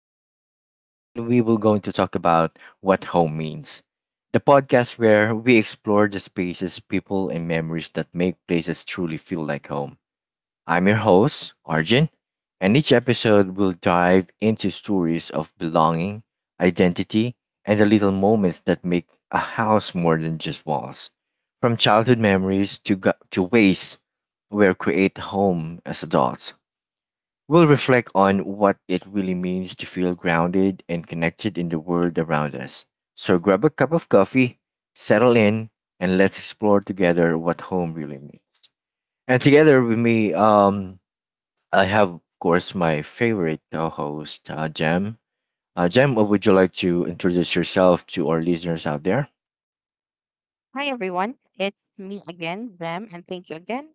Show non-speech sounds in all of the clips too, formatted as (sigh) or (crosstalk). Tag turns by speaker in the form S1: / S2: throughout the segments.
S1: podcast, wherein we will going to talk about what home means. The podcast where we explore the spaces, people, and memories that make places truly feel like home. I'm your host, Arjun, and each episode will dive into stories of belonging, identity, and the little moments that make a house more than just walls. From childhood memories to, to ways we create home as adults. We'll reflect on what it really means to feel grounded and connected in the world around us. So grab a cup of coffee, settle in, and let's explore together what home really means. And together with me, I have, of course, my favorite co-host, Jem. Jem, would you like to introduce yourself to our listeners out there?
S2: Hi everyone, it's me again, Rem, and thank you again,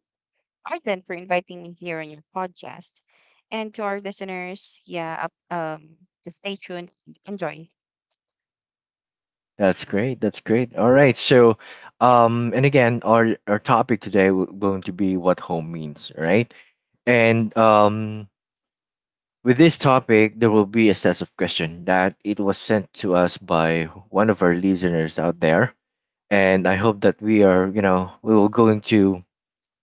S2: Arden, for inviting me here on your podcast. And to our listeners, yeah, just stay tuned, and enjoy.
S1: That's great. That's great. All right. So, and again, our topic today going to be what home means, all right? And with this topic, there will be a set of questions that it was sent to us by one of our listeners out there, and I hope that we are, you know, we will going to,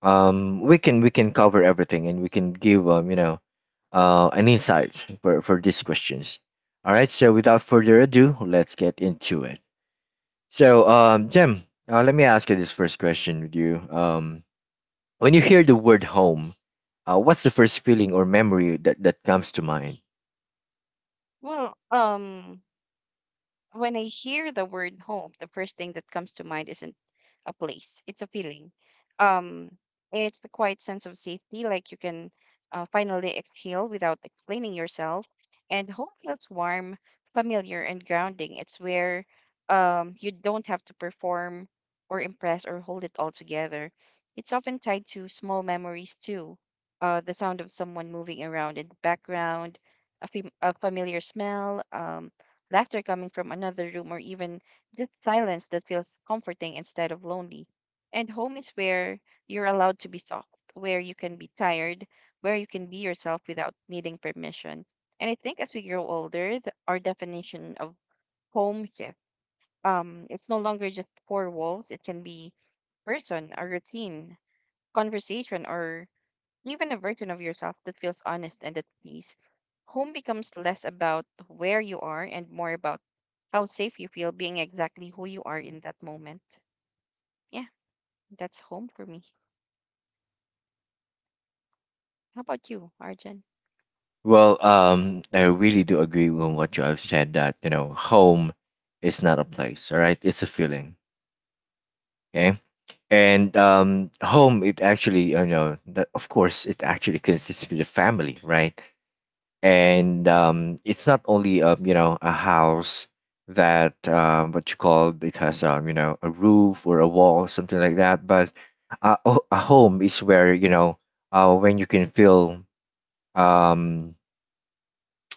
S1: we can cover everything and we can give, you know, an insight for these questions. All right. So without further ado, let's get into it. So, Jem, let me ask you this first question with you. When you hear the word home, what's the first feeling or memory that comes to mind?
S2: Well, um, when I hear the word home, the first thing that comes to mind isn't a place, it's a feeling. Um, it's the quiet sense of safety, like you can finally exhale without explaining yourself. And home feels warm, familiar, and grounding. It's where you don't have to perform or impress or hold it all together. It's often tied to small memories too. The sound of someone moving around in the background, a familiar smell, laughter coming from another room, or even just silence that feels comforting instead of lonely. And home is where you're allowed to be soft, where you can be tired, where you can be yourself without needing permission. And I think as we grow older, our definition of home shift. It's no longer just four walls. It can be person, a routine, conversation, or even a version of yourself that feels honest and at peace. Home becomes less about where you are and more about how safe you feel being exactly who you are in that moment. Yeah, that's home for me. How about you, Arjun?
S1: Well, I really do agree with what you have said that, you know, home is not a place, all right? It's a feeling, okay? And home, it actually, you know, that, of course, it actually consists with the family, right? And it's not only, you know, a house that, what you call, it has, you know, a roof or a wall, something like that. But a, a home is where, you know, when you can feel, um,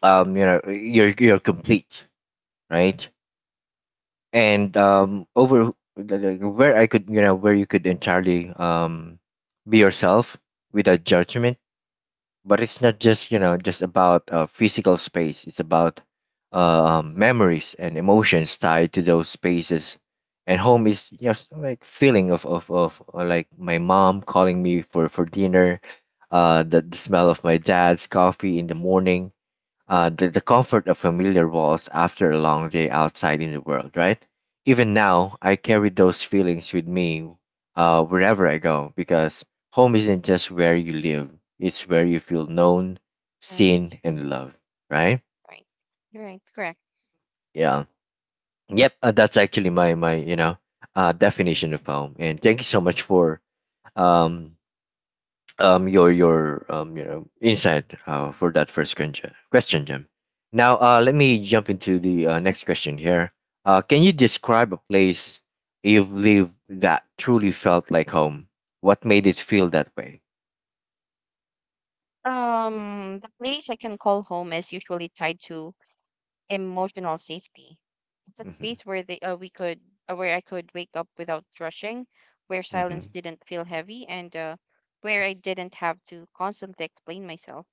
S1: you know you're complete, right? And where I could, you know, where you could entirely be yourself without judgment. But it's not just, you know, just about, physical space. It's about memories and emotions tied to those spaces. And home is just like feeling of of like my mom calling me for dinner, the smell of my dad's coffee in the morning, the comfort of familiar walls after a long day outside in the world, right? Even now, I carry those feelings with me wherever I go, because home isn't just where you live, it's where you feel known,
S2: Right.
S1: seen, and loved, right?
S2: Right. Right. Correct.
S1: Yeah. Yep, that's actually my, you know, definition of home. And thank you so much for um, your you know insight, for that first question, Jim. Now let me jump into the, next question here. Can you describe a place you've lived that truly felt like home? What made it feel that way?
S2: The place I can call home is usually tied to emotional safety. It's a
S1: Mm-hmm.
S2: space where they, we could where I could wake up without rushing, where silence
S1: Mm-hmm.
S2: didn't feel heavy, and where I didn't have to constantly explain myself.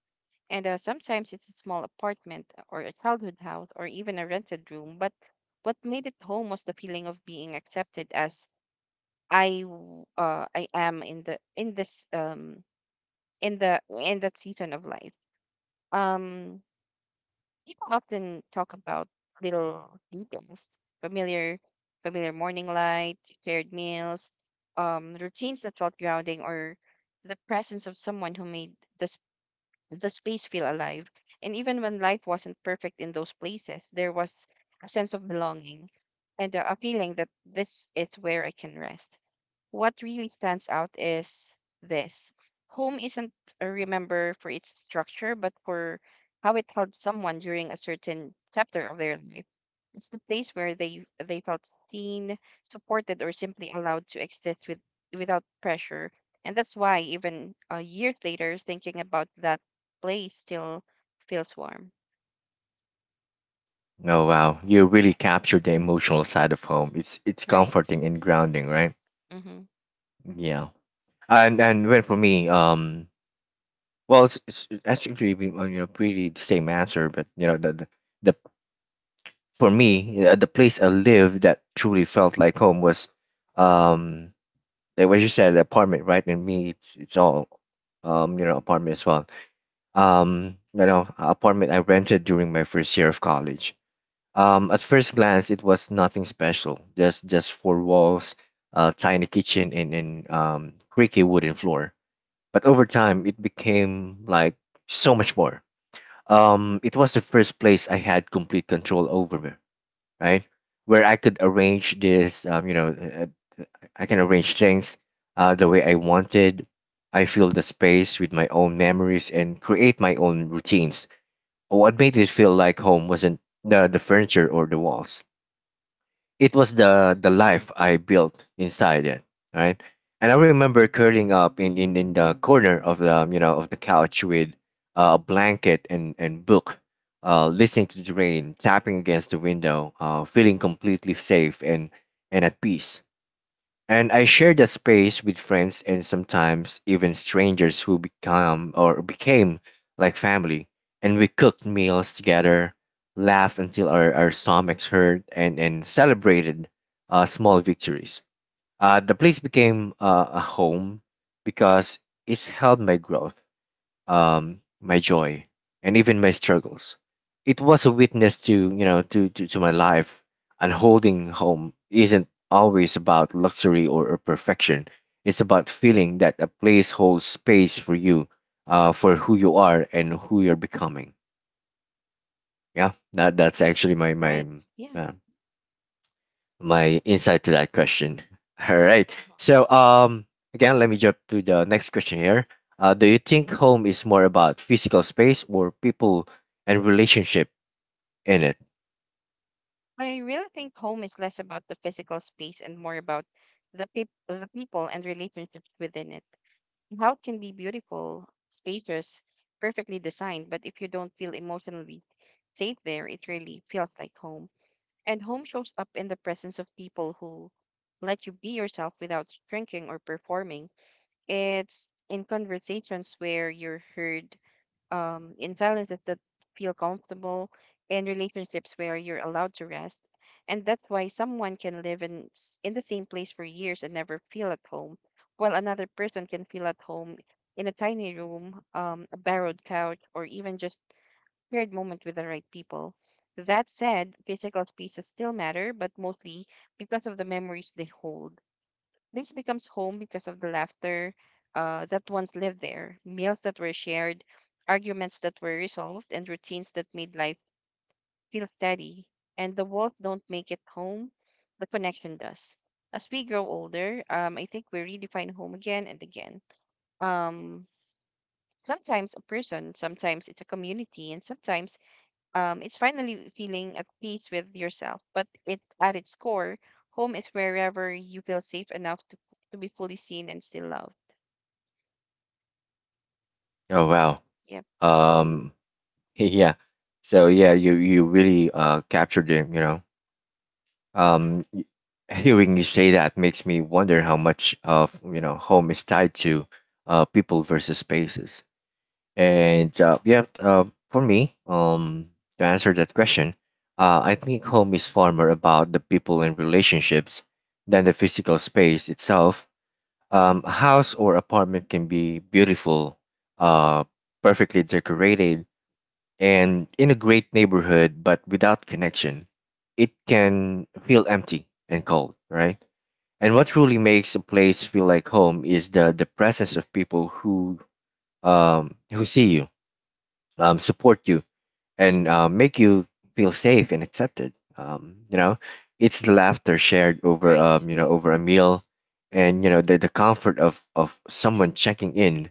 S2: And sometimes it's a small apartment or a childhood house or even a rented room, but what made it home was the feeling of being accepted as I am in the in this in the in that season of life. Um People often talk about little details, familiar familiar morning light, shared meals, routines that felt grounding, or the presence of someone who made the, s- the space feel alive. And even when life wasn't perfect in those places, there was a sense of belonging and a feeling that this is where I can rest. What really stands out is this: home isn't remembered for its structure, but for how it held someone during a certain chapter of their life. It's the place where they felt seen, supported, or simply allowed to exist without pressure. And that's why even years later, thinking about that place still feels warm.
S1: Oh wow, you really captured the emotional side of home. It's
S2: Right.
S1: comforting and grounding, right?
S2: Mm-hmm.
S1: Yeah. And when for me, well, it's actually been, you know, pretty the same answer, but you know the for me, the place I lived that truly felt like home was, um, like what you said, the apartment, right? And me, it's all, you know, apartment as well. You know, apartment I rented during my first year of college. At first glance, it was nothing special, just four walls, a tiny kitchen, and creaky wooden floor. But over time, it became like so much more. It was the first place I had complete control over, right? Where I could arrange this, you know, I can arrange things the way I wanted. I fill the space with my own memories and create my own routines. What made it feel like home wasn't the furniture or the walls, it was the life I built inside it, right? And I remember curling up in in the corner of the, you know, of the couch with a blanket and book, listening to the rain tapping against the window, feeling completely safe and at peace. And I share that space with friends and sometimes even strangers who become or became like family. And we cooked meals together, laughed until our stomachs hurt, and celebrated small victories. The place became a home because it's helped my growth, my joy, and even my struggles. It was a witness to, you know, to to my life. And holding home isn't always about luxury or perfection. It's about feeling that a place holds space for you, for who you are and who you're becoming. Yeah, that's actually
S2: Right.
S1: my,
S2: Yeah.
S1: uh, my insight to that question. (laughs) All right.
S2: Mm-hmm.
S1: So again, let me jump to the next question here. Do you think home is more about physical space or people and relationship in it?
S2: I really think home is less about the physical space and more about the peop the people and relationships within it. How can be beautiful, spacious, perfectly designed, but if you don't feel emotionally safe there, it really feels like home. And home shows up in the presence of people who let you be yourself without shrinking or performing. It's in conversations where you're heard, in silences that feel comfortable, and relationships where you're allowed to rest. And that's why someone can live in the same place for years and never feel at home, while another person can feel at home in a tiny room, a borrowed couch, or even just shared moment with the right people. That said, physical spaces still matter, but mostly because of the memories they hold. Place becomes home because of the laughter that once lived there, meals that were shared, arguments that were resolved, and routines that made life feel steady. And the walls don't make it home, the connection does. As we grow older, I think we redefine home again and again. Um, Sometimes a person, sometimes it's a community, and sometimes it's finally feeling at peace with yourself. But it, at its core, home is wherever you feel safe enough to be fully seen and still loved.
S1: Oh wow.
S2: Yep.
S1: Um (laughs) yeah. So yeah, you really captured it, you know. Um, y- hearing you say that makes me wonder how much of, you know, home is tied to, people versus spaces. And yeah, for me, to answer that question, I think home is far more about the people and relationships than the physical space itself. A house or apartment can be beautiful, uh, perfectly decorated, and in a great neighborhood, but without connection, it can feel empty and cold, right? And what truly makes a place feel like home is the presence of people who see you, support you, and make you feel safe and accepted. You know, it's the laughter shared over,
S2: Right.
S1: you know, over a meal, and you know the comfort of someone checking in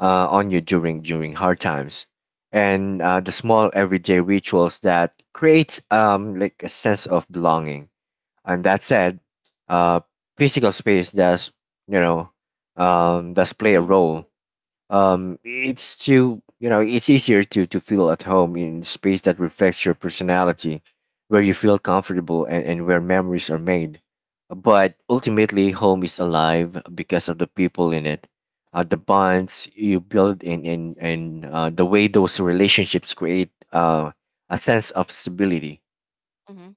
S1: on you during hard times, and the small everyday rituals that creates, like a sense of belonging. And that said, uh, physical space does, you know, does play a
S2: Mhm.
S1: role. It's to you know, it's easier to feel at home in space that reflects your personality, where you feel comfortable and where memories are made. But ultimately, home is
S2: Mhm.
S1: alive because of the people in it, the bonds you build, and and the way those relationships create, a sense of stability
S2: Mhm.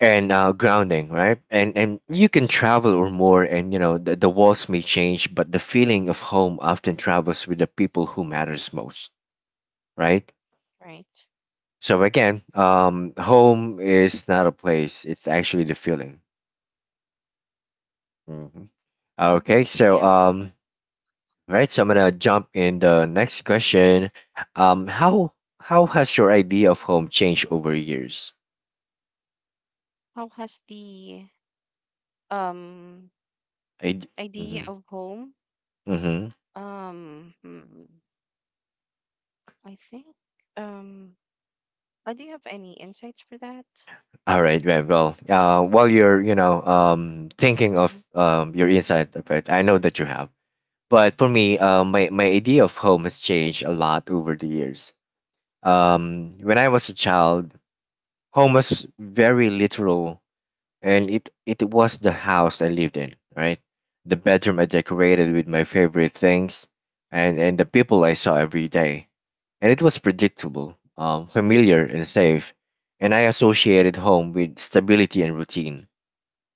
S1: and, grounding, right? And you can
S2: Right.
S1: travel or more and you know the walls may change, but the feeling of home often travels with the people who matters most, right?
S2: Right.
S1: So again, home is not a place, it's actually the feeling. Mhm.
S2: Mhm.
S1: Okay, so
S2: Yeah.
S1: right, so I'm gonna jump in the next question. um how how has your idea of home changed over years?
S2: How has the um
S1: I,
S2: idea
S1: mm-hmm,
S2: of home?
S1: mm-hmm.
S2: Um. hmm, I think. Um. Do you have any insights for that?
S1: All right, very well. While you're, you know, thinking of,
S2: Mhm.
S1: your insight of it, I know that you have. But for me,
S2: Yeah.
S1: my idea of home has changed a lot over the years. When I was a child, home was very literal, and it was the house I lived in, right? The bedroom I
S2: Mhm.
S1: decorated with my favorite things, and the people I saw every day, and it was predictable, familiar and safe, and I associated home with stability and routine.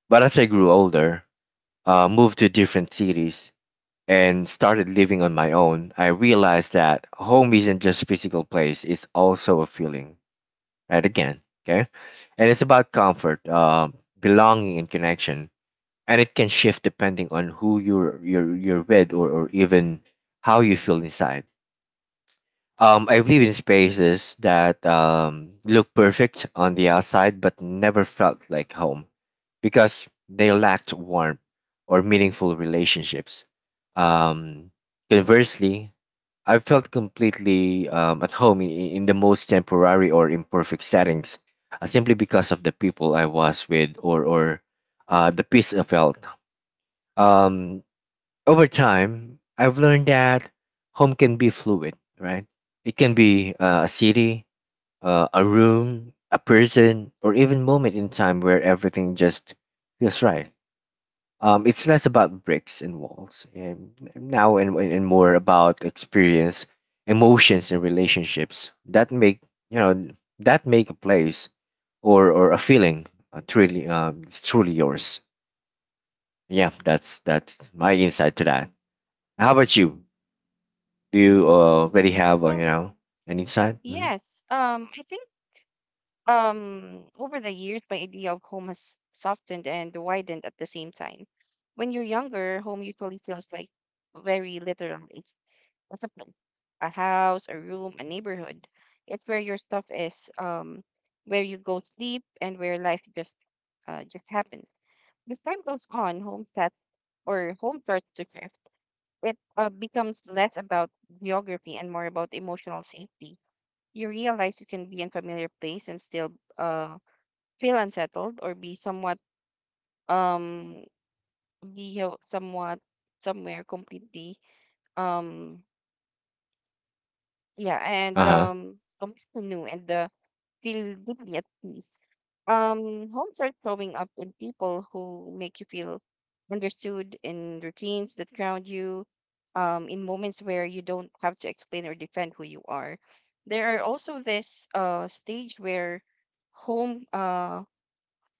S1: But as I grew older, moved to different cities and started living on my own, I realized that home isn't just physical place; it's also a feeling. Right again, okay, and it's about comfort, belonging, and connection, and it can shift depending on who you're with, or even how you feel inside. I've lived in spaces that, look perfect on the outside but never felt like home because they lacked warmth or meaningful relationships. Um, conversely, I felt completely, at home in the most temporary or imperfect settings, simply because of the people I was with, or the peace I felt. Um, over time, I've learned that home can be fluid, right? It can be, a city, a room, a person, or even moment in time where everything just feels right. It's less about bricks and walls, and now and more about experience, emotions, and relationships that make, you know, that make a place or a feeling, truly, it's truly yours. Yeah, that's my insight to that. How about you? Do you, already have, you
S2: Well,
S1: know, an insight? Hmm.
S2: yes. I think. Over the years, my idea of home has softened and widened at the same time. When you're younger, home usually feels like very literal. A supply, a house, a room, a neighborhood. It's where your stuff is, where you go sleep, and where life just happens. As time goes on, home stat or home starts to shift. It becomes less about geography and more about emotional safety. You realize you can be in familiar place and still uh, feel unsettled, or um be somewhat somewhere completely um Yeah,
S1: Uh
S2: and
S1: huh.
S2: new and feel deeply at peace. Homes are showing up in people who make you feel understood, in routines that ground you, in moments where you don't have to explain or defend who you are. There are also this stage where home uh,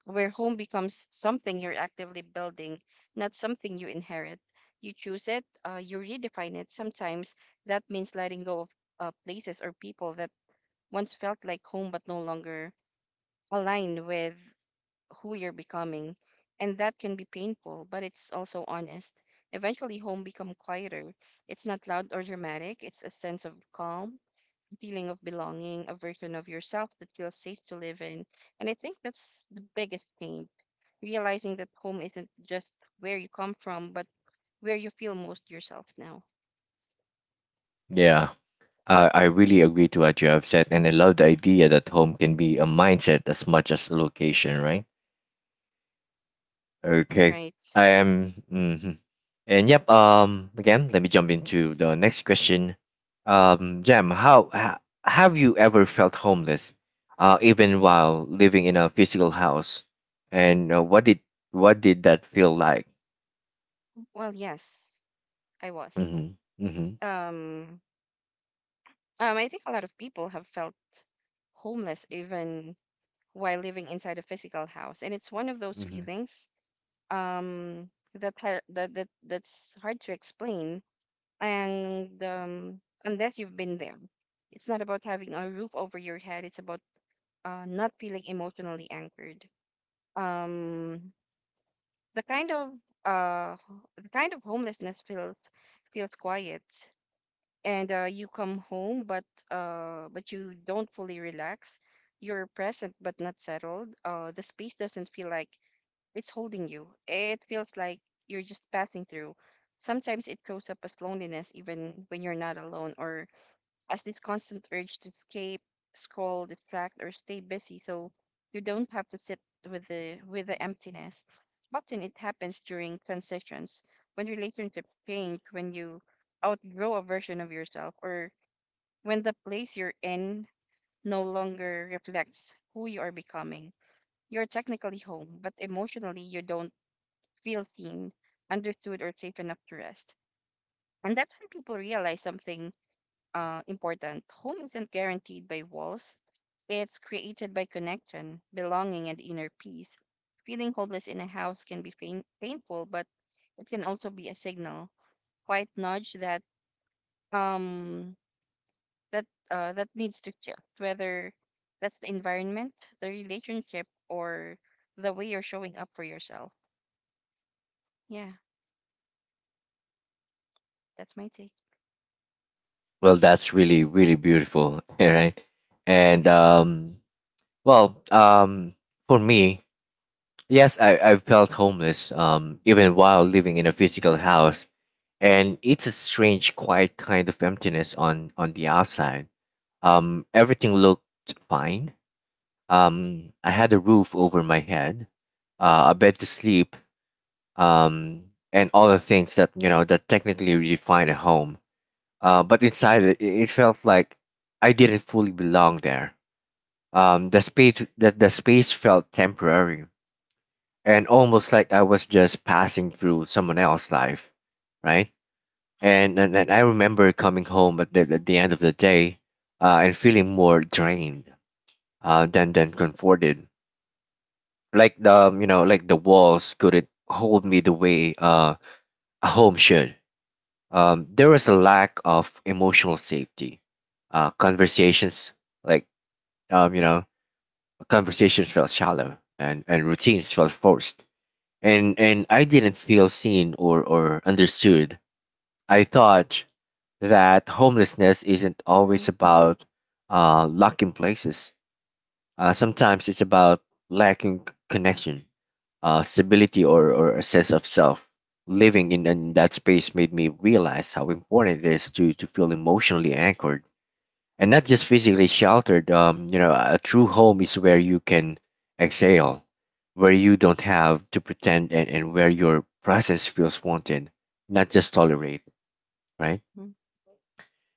S2: home becomes something you're actively building, not something you inherit. You choose it, you redefine it. Sometimes that means letting go of places or people that once felt like home but no longer align with who you're becoming. And that can be painful, but it's also honest. Eventually, home become quieter. It's not loud or dramatic. It's a sense of calm, feeling of belonging, a version of yourself that feels safe to live in. And I think that's the biggest change: realizing that home isn't just where you come from, but where you feel most yourself now,
S1: Yeah. I really agree to what you have said, and I love the idea that home can be a mindset as much as a location, right? Okay.
S2: right?
S1: I am. Mhm. And yep. Again, let me jump into the next question. Jam, have you ever felt homeless, even while living in a physical house? And what did that feel like?
S2: Well, yes, I was.
S1: Mm-hmm. Mm-hmm.
S2: Um, I think a lot of people have felt homeless even while living inside a physical house, and it's one of those
S1: Mm-hmm.
S2: feelings um, that, that's hard to explain, and unless you've been there, it's not about having a roof over your head, it's about not feeling emotionally anchored. um, the kind of the kind of homelessness feels quiet, and you come home but you don't fully relax. You're present but not settled. The space doesn't feel like it's holding you, it feels like you're just passing through. Sometimes it shows up as loneliness even when you're not alone, or as this constant urge to escape, scroll, distract, or stay busy so you don't have to sit with the emptiness. Often it happens during transitions, when relationships change, when you outgrow a version of yourself, or when the place you're in no longer reflects who you are becoming. You're technically home, but emotionally you don't feel seen, understood, or safe enough to rest. And that's when people realize something important. Home isn't guaranteed by walls, it's created by connection, belonging, and inner peace. Feeling homeless in a house can be painful, but it can also be a signal, quite nudge that um that that needs to shift, whether that's the environment, the relationship, or the way you're showing up for yourself. Yeah, that's my take.
S1: Well, that's really, really beautiful, (laughs) all right? And um, well, um, for me, yes, I felt homeless, even while living in a physical house, and it's a strange, quiet kind of emptiness on the outside. Everything looked fine. I had a roof over my head, a bed to sleep, um, and all the things that that technically define a home but inside it felt like I didn't fully belong there. The space felt temporary and almost like I was just passing through someone else's life, right?
S2: Mm-hmm.
S1: And I remember coming home at the end of the day, and feeling more drained than comforted. Like the you know like the walls couldn't hold me the way a home should. There was a lack of emotional safety. Conversations like you know, Conversations felt shallow and routines felt forced. And I didn't feel seen or understood. I thought that homelessness isn't
S2: Mm-hmm.
S1: always about locking places. Sometimes it's about lacking connection, stability, or a sense of self. Living in that space made me realize how important it is to feel emotionally anchored and not just physically sheltered. A true home is where you can exhale, where you don't have to pretend, and where your presence feels wanted, not just tolerate, right?
S2: Mm-hmm.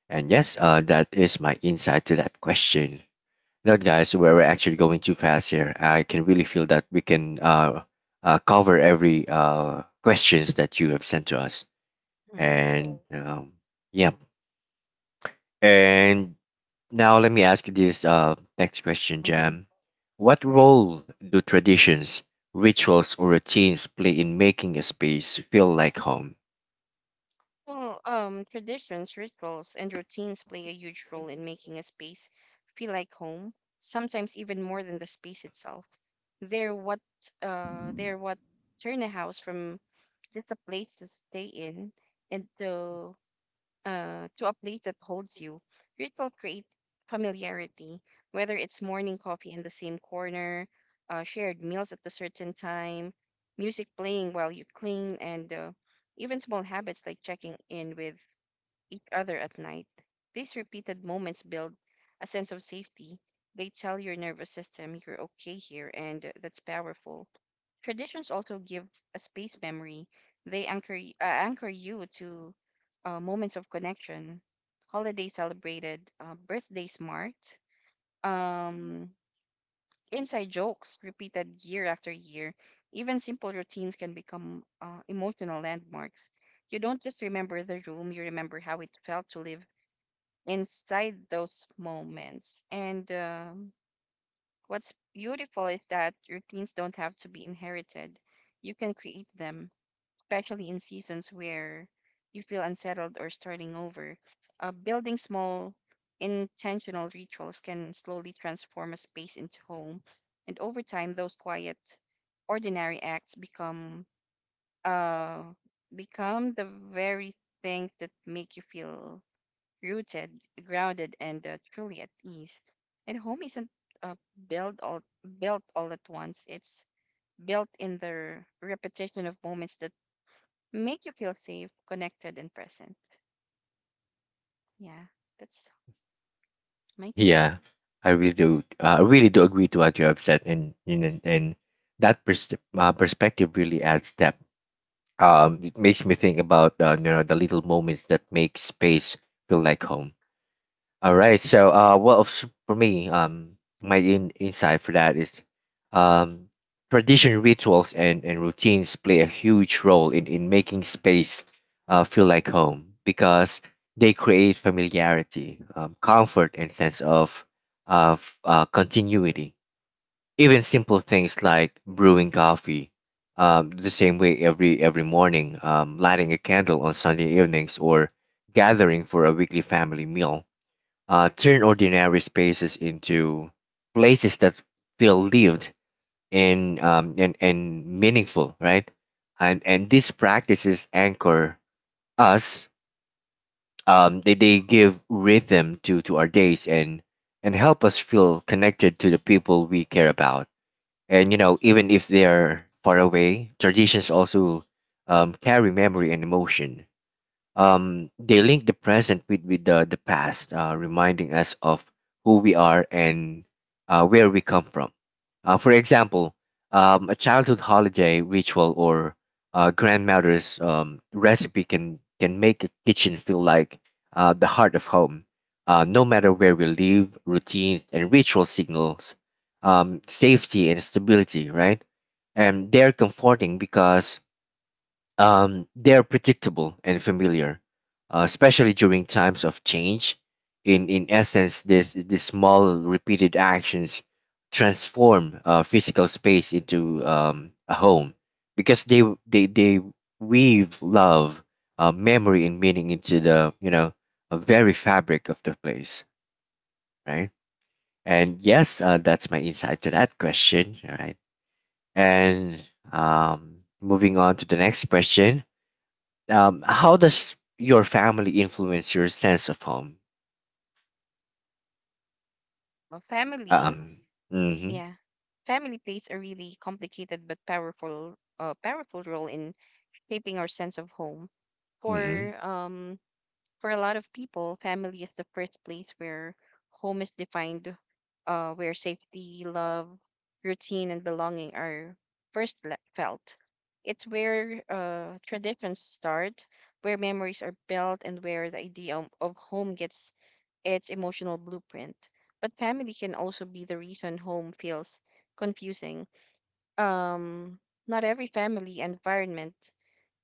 S1: And yes, that is my insight to that question. Now, guys, we're actually going too fast here. I can really feel that we can cover every questions that you have sent to us,
S2: Mm-hmm.
S1: and yeah, and now, let me ask you this next question,
S2: Mm-hmm,
S1: Jam. What
S2: right.
S1: role do traditions, rituals, or routines play in making a space feel like home?
S2: Traditions, rituals, and routines play a huge role in making a space feel like home, sometimes even more than the space itself. They're what turn a house from just a place to stay in into to a place that holds you. Ritual create familiarity, whether it's morning coffee in the same corner, shared meals at a certain time, music playing while you clean, and even small habits like checking in with each other at night. These repeated moments build a sense of safety. They tell your nervous system you're okay here, and that's powerful. Traditions also give a space memory. They anchor you to moments of connection, holidays celebrated, birthdays marked, um, inside jokes repeated year after year. Even simple routines can become emotional landmarks. You don't just remember the room; you remember how it felt to live inside those moments. And what's beautiful is that routines don't have to be inherited. You can create them, especially in seasons where you feel unsettled or starting over. Building small, intentional rituals can slowly transform a space into home. And over time, those quiet, ordinary acts become uh, the very thing that make you feel rooted, grounded, and truly at ease. And home isn't uh, built all built all at once. It's built in the repetition of moments that make you feel safe, connected, and present. Yeah, that's my take.
S1: Yeah, I really do. I really do agree to what you have said, and that perspective really adds depth. It makes me think about the little moments that make space feel like home. All right. So, for me, my insight for that is, um, tradition, rituals, and routines play a huge role in making space, feel like home because they create familiarity, comfort, and sense of continuity. Even simple things like brewing coffee, the same way every morning, lighting a candle on Sunday evenings, or gathering for a weekly family meal turn ordinary spaces into places that feel lived and meaningful, right? And these practices anchor us. They give rhythm to our days and help us feel connected to the people we care about. And you know, even if they're far away, traditions also carry memory and emotion they link the present with the past, reminding us of who we are and where we come from. For example, a childhood holiday ritual or grandmother's recipe can make a kitchen feel like the heart of home. No matter where we live, routines and ritual signals safety and stability, right? And they're comforting because they are predictable and familiar, especially during times of change. In essence, this these small repeated actions transform physical space into a home because they weave love, memory, and meaning into the you know a very fabric of the place, right? And yes, that's my insight to that question. All right, and moving on to the next question. How does your family influence your sense of home?
S2: Well, family,
S1: Um, mm-hmm,
S2: yeah, family plays a really complicated but powerful role in shaping our sense of home.
S1: mm-hmm.
S2: For um, For a lot of people, family is the first place where home is defined, where safety, love, routine, and belonging are felt. It's where traditions start, where memories are built, and where the idea of home gets its emotional blueprint. But family can also be the reason home feels confusing. Um, Not every family environment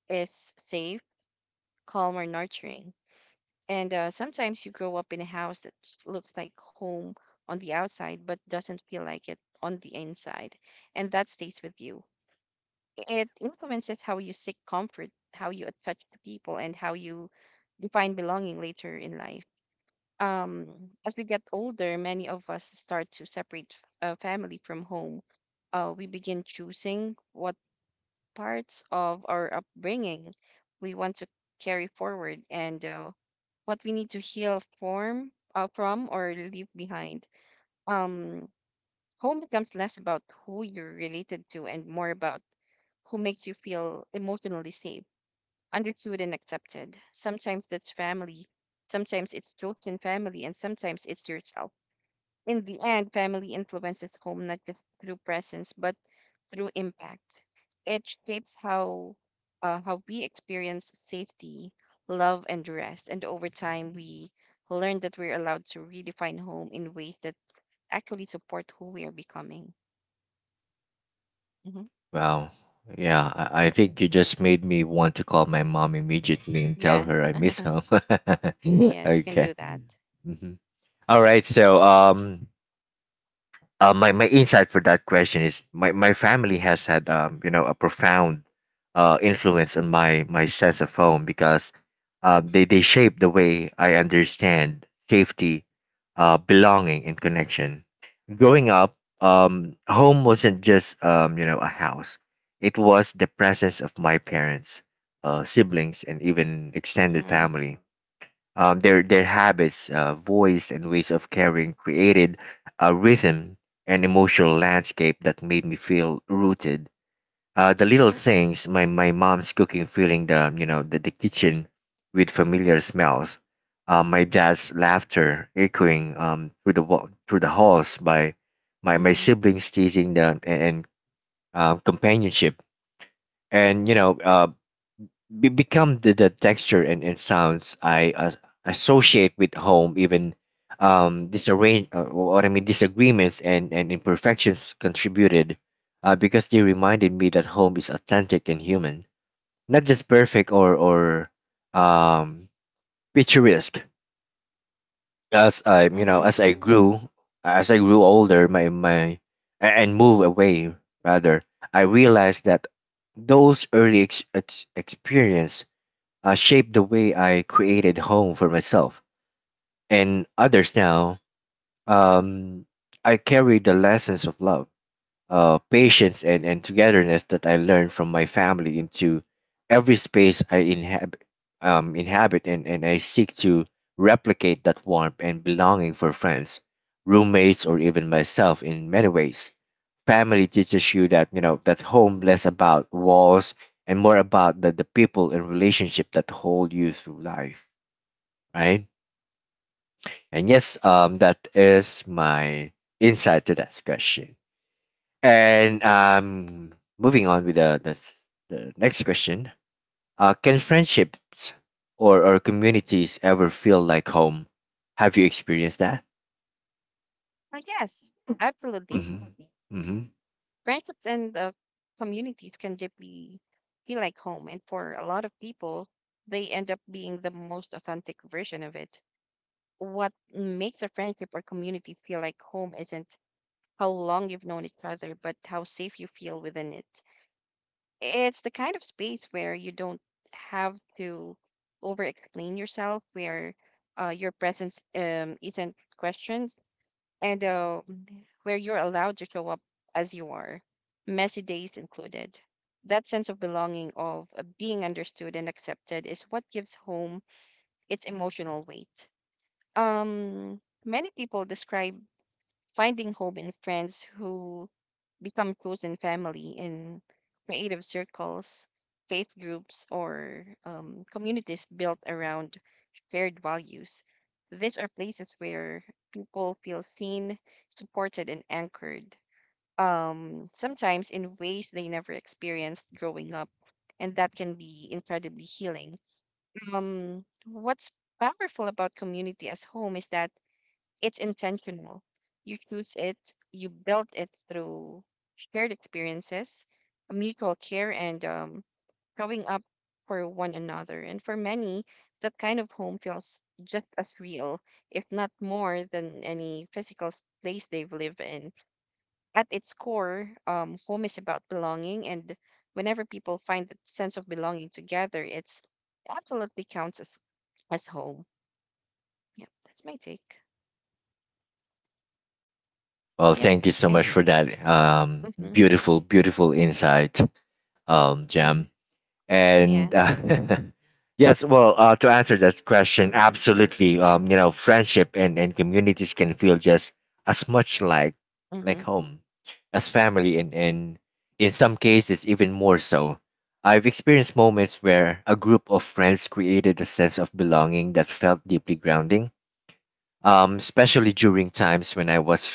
S2: is safe, calm, or nurturing, and sometimes you grow up in a house that looks like home on the outside, but doesn't feel like it on the inside. And that stays with you. It influences how you seek comfort, how you attach to people, and how you define belonging later in life. As we get older, many of us start to separate family from home. We begin choosing what parts of our upbringing we want to carry forward, and what we need to heal from, or leave behind. Um, Home becomes less about who you're related to and more about who makes you feel emotionally safe, understood, and accepted. Sometimes that's family, sometimes it's chosen family, and sometimes it's yourself. In the end, family influences home not just through presence but through impact. It shapes how we experience safety, love, and rest. And over time, we learn that we're allowed to redefine home in ways that actually support who we are becoming. hmm
S1: Wow. Yeah, I think you just made me want to call my mom immediately and tell
S2: Yeah.
S1: her I miss
S2: (laughs)
S1: home. (laughs)
S2: Yes, you can
S1: Okay.
S2: do that.
S1: Mm-hmm. All right. So, my my insight for that question is my family has had you know a profound influence on my sense of home because they shape the way I understand safety, belonging and connection. Growing up, home wasn't just a house. It was the presence of my parents, siblings and even extended
S2: Mm-hmm.
S1: family their habits, voice, and ways of caring created a rhythm and emotional landscape that made me feel rooted. The little things, my mom's cooking, filling the you know the kitchen with familiar smells, my dad's laughter echoing through the halls by my
S2: Mm-hmm.
S1: siblings teasing the and companionship and become the texture and sounds I associate with home, even disarrange what I mean disagreements and imperfections contributed because they reminded me that home is authentic and human, not just perfect or um, picturesque. As I you know
S2: Mm-hmm.
S1: as I grew As I grew older, my a- and move away rather, I realized that those early experience shaped the way I created home for myself and others now. Um, I carry the lessons of love, patience, and togetherness that I learned from my family into every space I inhabit, and I seek to replicate that warmth and belonging for friends, roommates, or even myself in many ways. Family teaches you that, you know, that home less about walls and more about the people and relationship that hold you through life, right? And yes, that is my insight to that question. And moving on with the next question. Can friendships or communities ever feel like home? Have you experienced that?
S2: Yes, absolutely.
S1: Mm-hmm. Mm-hmm.
S2: Friendships and communities can deeply feel like home, and for a lot of people, they end up being the most authentic version of it. What makes a friendship or community feel like home isn't how long you've known each other, but how safe you feel within it. It's the kind of space where you don't have to over explain yourself, where your presence isn't questioned, and where you're allowed to show up as you are, messy days included. That sense of belonging, of being understood and accepted, is what gives home its emotional weight. Many people describe finding home in friends who become chosen family, in creative circles, faith groups, or communities built around shared values. These are places where people feel seen, supported, and anchored, sometimes in ways they never experienced growing up. And that can be incredibly healing. What's powerful about community as home is that it's intentional. You choose it, you build it through shared experiences, mutual care, and showing up for one another. And for many, that kind of home feels just as real, if not more, than any physical place they've lived in. At its core, home is about belonging, and whenever people find that sense of belonging together, it absolutely counts as home. Yep, that's my take.
S1: Well,
S2: Yep,
S1: thank you so
S2: and
S1: much for that.
S2: (laughs)
S1: Beautiful, beautiful insight,
S2: I
S1: Jam.
S2: yeah.
S1: And (laughs) yes, well, to answer that question, absolutely. Friendship and communities can feel just as much like
S2: Mm-hmm.
S1: home as family and in some cases even more so. I've experienced moments where a group of friends created a sense of belonging that felt deeply grounding, especially during times when I was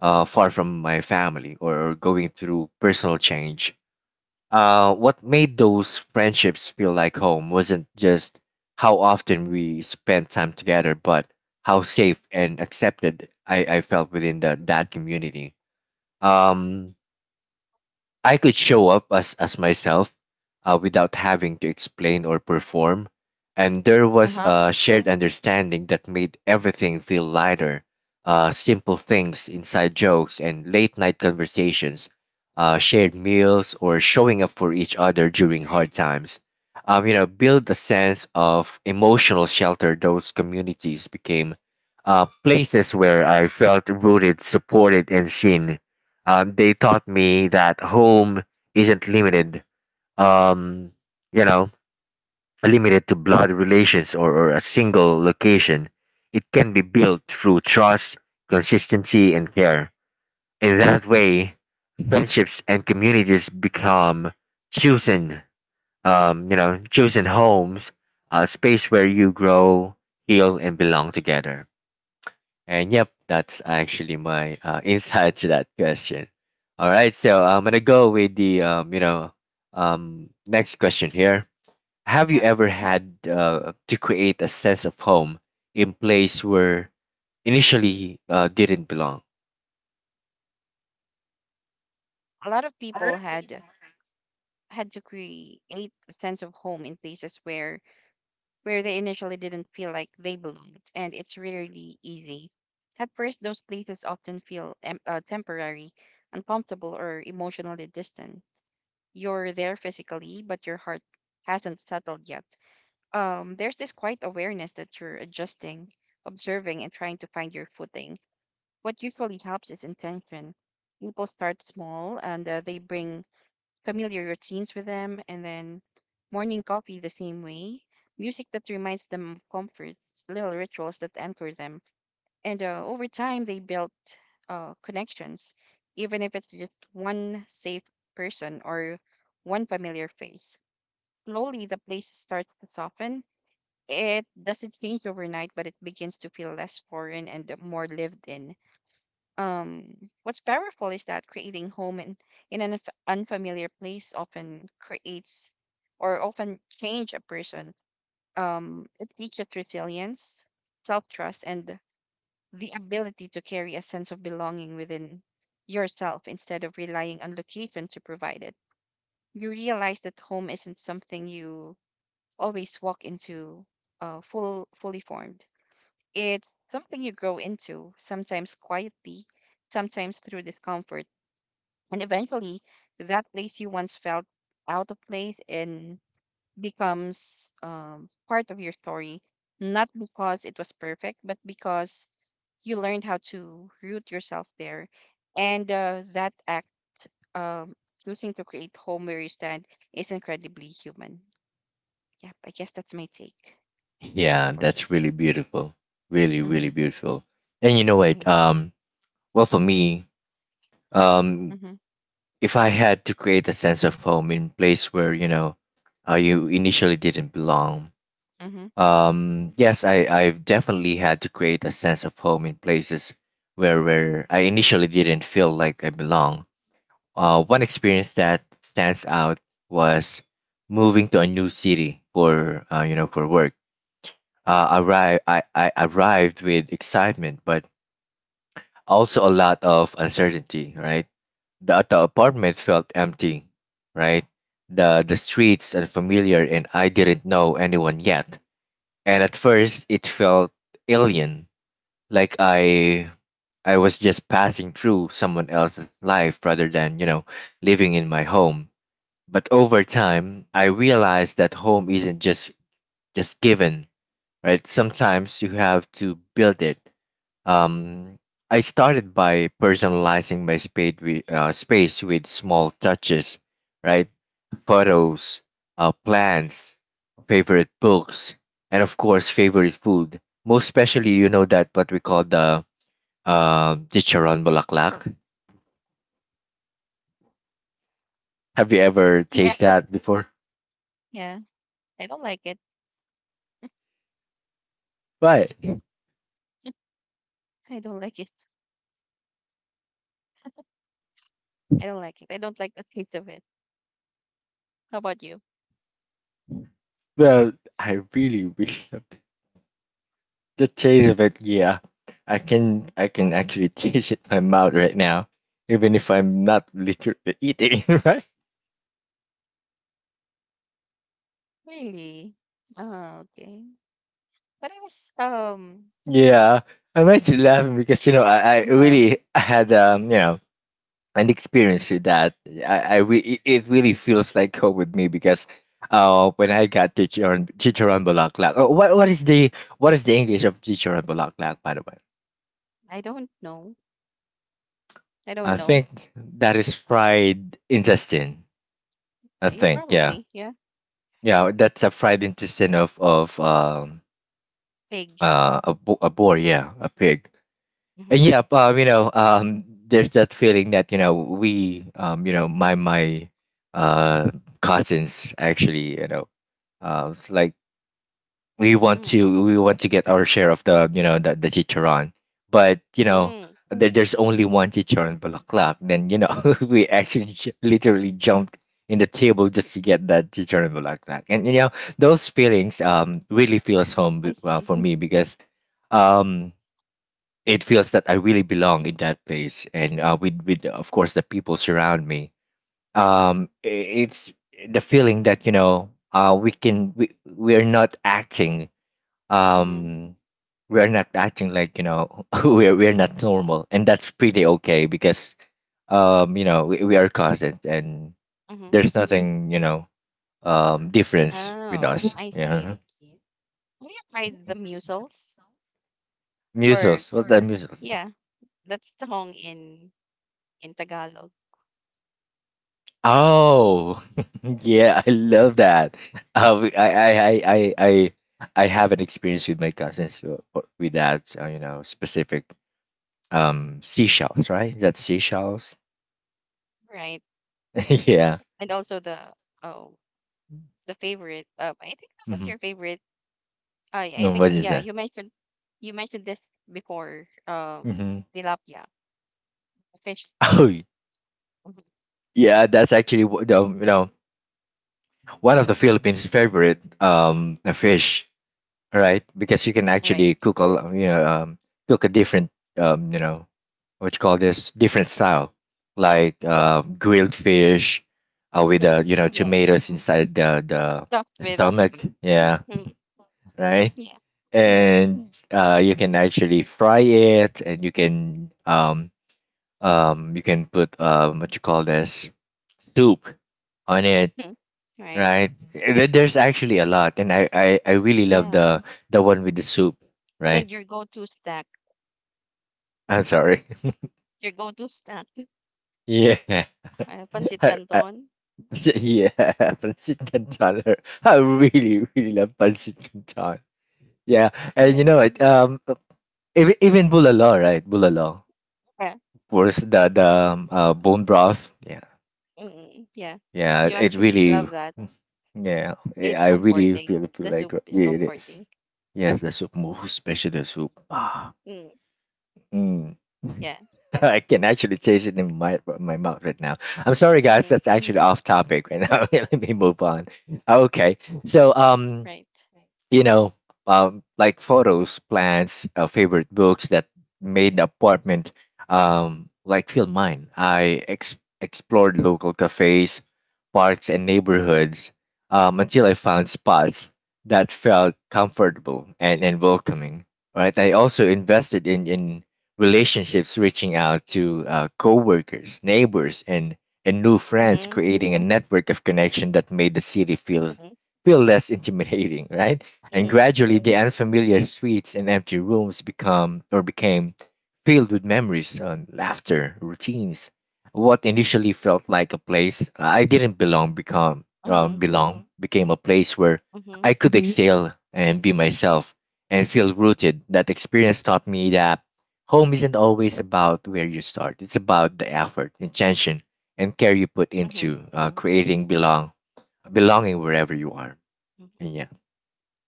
S1: far from my family or going through personal change. What made those friendships feel like home wasn't just how often we spent time together, but how safe and accepted I felt within that community. Um, I could show up as myself without having to explain or perform, and there was
S2: Uh-huh.
S1: a shared understanding that made everything feel lighter. Simple things, inside jokes, and late night conversations, shared meals, or showing up for each other during hard times. Build a sense of emotional shelter. Those communities became places where I felt rooted, supported, and seen. They taught me that home isn't limited, um, you know, limited to blood relations or a single location. It can be built through trust, consistency, and care. In that way, friendships and communities become chosen, chosen homes, a space where you grow, heal, and belong together. And yep, that's actually my (laughs) insight to that question. All right, so I'm gonna go with the next question here. Have you
S2: Uh,
S1: ever had to create a sense of home in place where initially didn't belong?
S2: a lot of people had to create a sense of home in places where they initially didn't feel like they belonged, and it's really easy. At first, those places often feel temporary, uncomfortable, or emotionally distant. You're there physically, but your heart hasn't settled yet. There's this quiet awareness that you're adjusting, observing, and trying to find your footing. What usually helps is intention. People start small, and they bring familiar routines with them, and then morning coffee the same way, music that reminds them of comfort, little rituals that anchor them. And over time, they built connections, even if it's just one safe person or one familiar face. Slowly, the place starts to soften. It doesn't change overnight, but it begins to feel less foreign and more lived in. Um, what's powerful is that creating home in an unfamiliar place often creates or often change a person. It teaches resilience, self-trust, and the ability to carry a sense of belonging within yourself instead of relying on location to provide it. You realize that home isn't something you always walk into fully formed. It's something you grow into, sometimes quietly, sometimes through discomfort, and eventually, that place you once felt out of place and becomes part of your story, not because it was perfect, but because you learned how to root yourself there. And that act, um, choosing to create home where you stand, is incredibly human. Yep, I guess that's my take
S1: Yeah,
S2: for
S1: that's really
S2: this.
S1: beautiful, really, really
S2: Mm-hmm.
S1: beautiful. And you know what?
S2: I,
S1: For me, um,
S2: mm-hmm,
S1: if I had to create a sense of home in place where you initially didn't belong,
S2: mm-hmm.
S1: Yes, I, I've definitely had to create a sense of home in places where I initially didn't feel like I belong. One experience that stands out was moving to a new city for, for work. I arrived with excitement, but also a lot of uncertainty, right? The apartment felt empty, right? The streets unfamiliar, and I didn't know anyone yet. And at first it felt alien, like I was just passing through someone else's life rather than living in my home. But over time I realized that home isn't just given, right? Sometimes you have to build it. um I started by personalizing my space with small touches, right? Photos, plans, favorite books, and of course favorite food. Most especially, you know that what we call the chicharon bulaklak. Have you ever
S2: Yeah.
S1: tasted that
S2: (laughs)
S1: before?
S2: Yeah, I don't like it.
S1: Right.
S2: I don't like it. I don't like it. I don't like the taste of it. How about you?
S1: Well, I really, really love (laughs) the taste of it. Yeah, I can actually (laughs) taste it in my mouth right now, even if I'm not literally eating. (laughs) Right?
S2: Really? Oh, okay. But I was, I think,
S1: Yeah. I'm actually laughing because you know I
S2: uh,
S1: really had and experience it that it really feels like home with me because when I got chicharon bulaklak. Oh, what is the English of chicharon bulaklak, by the way?
S2: I don't know. I don't
S1: I
S2: know.
S1: think that is fried intestine. I
S2: You
S1: think yeah.
S2: probably, yeah.
S1: Yeah, that's a fried intestine of
S2: Pig.
S1: a, a boar, yeah, a pig.
S2: Mm-hmm.
S1: And yeah, you know, there's that feeling that you know we, you know, my uh cousins actually, you know, it's like
S2: Mm.
S1: we want to get our share of the, you know, the chicharon, but you know
S2: Mm.
S1: there, there's only one chicharon bulaklak. Then you know (laughs) we actually literally jumped in the table just to get that chicharon bulaklak, and you know those feelings really feels home,
S2: I see.
S1: for me, because um it feels that I really belong in that place, and with of course the people surround me. um i- it's the feeling that you know we can we're not acting,
S2: Mm-hmm.
S1: um we're not acting like, you know, (laughs) we're not normal, and that's pretty okay because you know we are cousins, and
S2: Mm-hmm.
S1: there's nothing, you know, difference with
S2: Oh,
S1: us,
S2: I see.
S1: yeah.
S2: Have you tried the mussels? Or,
S1: Measles, what's that, measles?
S2: yeah, that's the in, in Tagalog,
S1: Oh, (laughs) yeah, I love that. Uh, I, I, I, I, I I have an experience with my cousins, with that, you know, specific seashells, right? Is that seashells?
S2: right?
S1: (laughs) Yeah.
S2: And also the, oh, the favorite. I think this is
S1: Mm-hmm.
S2: your favorite. I think,
S1: What is
S2: yeah,
S1: that?
S2: you mentioned this before,
S1: Mm-hmm.
S2: tilapia. Fish.
S1: Oh,
S2: Mhm.
S1: yeah, that's actually the, you know, one of the Philippines' favorite fish. Right? Because you can actually
S2: Right.
S1: cook you know, cook a different, you know, what you call this, different style,
S2: Yeah.
S1: like, grilled fish, with,
S2: Mhm.
S1: you know,
S2: Yes.
S1: tomatoes inside the
S2: Stuffed with.
S1: stomach, yeah,
S2: Mhm.
S1: right.
S2: Yeah. Yes.
S1: And you can actually fry it, and you can um, you can put, um, what you call this, soup on it,
S2: Hmm. Right.
S1: right? There's actually a lot, and I really love
S2: Yeah.
S1: the one with the soup, right?
S2: And your go-to snack.
S1: I'm sorry. (laughs)
S2: Your go-to snack.
S1: Yeah. (laughs)
S2: Pancit
S1: I, I,
S2: canton.
S1: (laughs) yeah, (laughs) pancit canton. (laughs) I really, really love pancit canton. Yeah, and you know
S2: Yes.
S1: what? Even bulalo, right? Bulalo,
S2: Yeah.
S1: of course, the
S2: Yeah.
S1: bone broth. Yeah,
S2: Mm, yeah.
S1: yeah.
S2: You
S1: It
S2: actually
S1: really,
S2: love that.
S1: yeah. I
S2: It's
S1: I really
S2: comforting.
S1: feel
S2: The soup
S1: like
S2: is
S1: it is.
S2: comforting.
S1: Yes, the soup, especially the soup.
S2: Mm,
S1: Mm.
S2: yeah.
S1: (laughs) I can actually taste it in my mouth right now. I'm sorry, guys.
S2: Mm-hmm.
S1: That's actually off topic right now. (laughs) Let me move on. Okay, so
S2: Right.
S1: you know, like photos, plants, favorite books that made the apartment like feel mine. I explored local cafes, parks, and neighborhoods until I found spots that felt comfortable and, welcoming. Right. I also invested in relationships, reaching out to coworkers, neighbors, and new friends,
S2: Mm-hmm.
S1: creating a network of connection that made the city feel
S2: Mm-hmm.
S1: less (laughs) intimidating, right? And
S2: Mm-hmm.
S1: gradually the unfamiliar streets and empty rooms become or became filled with memories, laughter, routines. What initially felt like a place I didn't belong become
S2: Mm-hmm.
S1: belong became a place where
S2: Mm-hmm.
S1: I could exhale and be myself and feel rooted. That experience taught me that home isn't always about where you start. It's about the effort, intention, and care you put into creating belonging wherever you are.
S2: Mm-hmm.
S1: Yeah.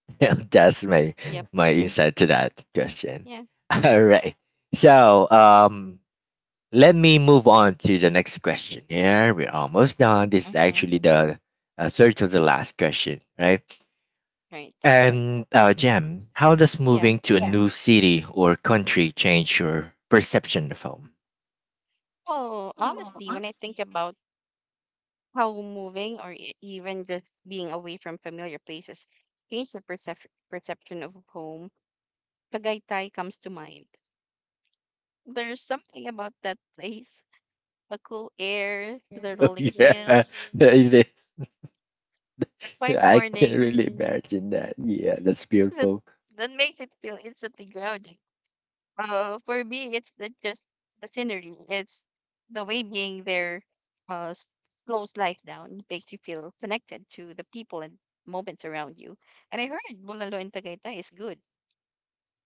S1: (laughs) Yeah, that's my
S2: Yep.
S1: insight to that question.
S2: Yeah.
S1: (laughs) All right. So um, let me move on to the next question. Yeah, we're almost done. This is
S2: Mm-hmm.
S1: actually the third to the last question, right?
S2: Right.
S1: And uh, Jem, how does
S2: Yeah.
S1: moving to a new city or country change your perception of home?
S2: Well, honestly, when I think about how moving or even just being away from familiar places changed the perception of home, Tagaytay comes to mind. There's something about that place, the cool air, the
S1: Oh, (laughs)
S2: rolling
S1: yeah,
S2: hills, the
S1: (laughs)
S2: quiet
S1: I can't
S2: morning
S1: really imagine that. Yeah, that's
S2: that,
S1: beautiful.
S2: that makes it feel instantly grounding. For me, it's the, just the scenery. It's the way being there uh, s- slows life down, makes you feel connected to the people and moments around you. And I heard Bulalo and Tagaytay is good.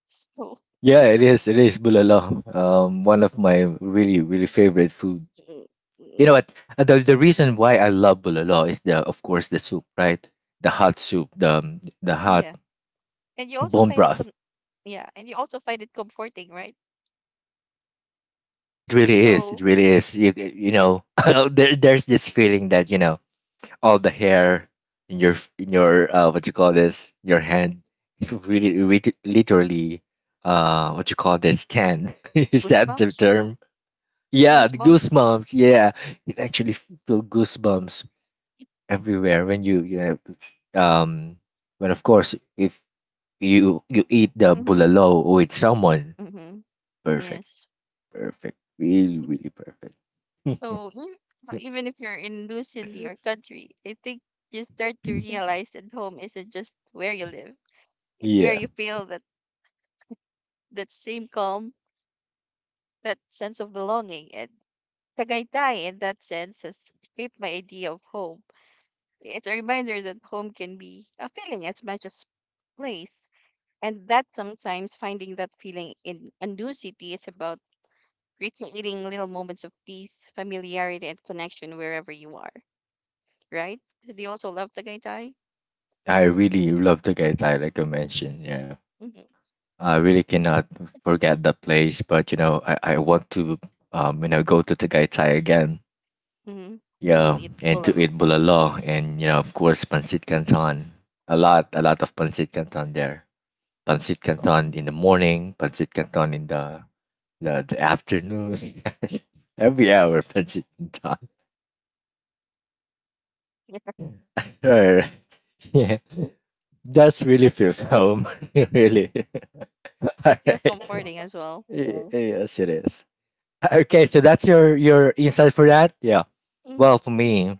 S2: So,
S1: Yeah, it is. It is bulalo. One of my really, really favorite food.
S2: mm, mm,
S1: You know what? Uh, the reason why I love bulalo is the, of course, the soup, right? The hot soup, the hot
S2: yeah. And you also
S1: bone
S2: find it,
S1: broth.
S2: yeah, and you also find it comforting, right?
S1: It really is. It
S2: So,
S1: really is. You know, (laughs) there, there's this feeling that you know all the hair in your what you call this your hand is really, really literally what you call this tan. (laughs) Is that the
S2: goosebumps,
S1: term? Yeah, the
S2: goosebumps.
S1: goosebumps. Yeah, it actually feel goosebumps everywhere when you know um when of course if you eat the
S2: Mm-hmm.
S1: bulalo with someone,
S2: Mm-hmm.
S1: perfect,
S2: Yes.
S1: perfect, really really perfect. (laughs)
S2: So you know, even if you're in new city or country, I think you start to realize that home isn't just where you live. It's where
S1: Yeah,
S2: you feel that same calm, that sense of belonging, and Tagaytay in that sense has shaped my idea of home. It's a reminder that home can be a feeling as much as place, and that sometimes finding that feeling in a new city is about recreating little moments of peace, familiarity, and connection wherever you are. Right? Do you also love Tagaytay?
S1: I really love the guys I like I mentioned. Yeah,
S2: Hmm.
S1: I really cannot forget the place, but you know I want to you know go to Tagaytay again.
S2: Hmm.
S1: Yeah,
S2: You'll eat
S1: and to
S2: bulalo.
S1: eat
S2: (laughs)
S1: bulalo and, you know, of course, pancit canton. A lot of pancit canton there. Pancit canton in the morning, pancit canton in the the afternoon. (laughs) Every hour, pancit canton. (laughs)
S2: Yeah,
S1: Right. Yeah, that's (laughs) really
S2: that's
S1: feels home. (laughs) Really. (laughs) All
S2: that feels
S1: right.
S2: comforting as well.
S1: Yes, it is. Okay, so that's your insight for that. Yeah.
S2: Mm-hmm.
S1: Well, for me,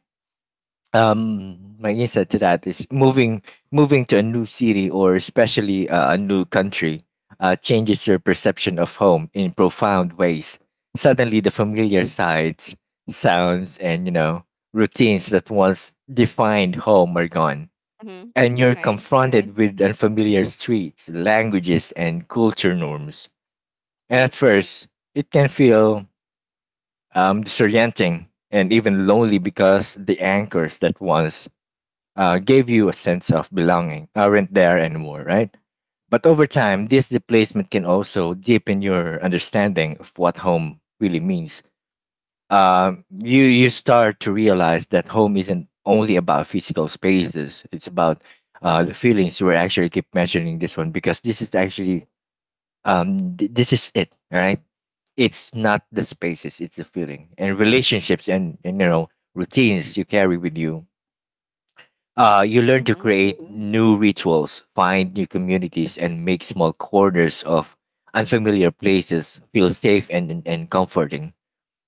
S1: um, my insight to that is moving to a new city, or especially a new country, changes your perception of home in profound ways. Suddenly the familiar sights, sounds, and you know routines that once defined home are gone,
S2: Mm-hmm.
S1: and you're
S2: Right.
S1: confronted with unfamiliar streets, languages, and culture norms, and at
S2: Right.
S1: first it can feel disorienting and even lonely because the anchors that once gave you a sense of belonging aren't there anymore, right? But over time, this displacement can also deepen your understanding of what home really means.
S2: Mm-hmm.
S1: You you start to realize that home isn't only about physical spaces; it's about the feelings. We actually keep mentioning this one because this is actually this is it, all right? It's not the spaces; it's the feeling and relationships and, you know routines you carry with you, you learn to
S2: Mm-hmm.
S1: create new rituals, find new communities, and make small corners of unfamiliar places feel safe and, and comforting.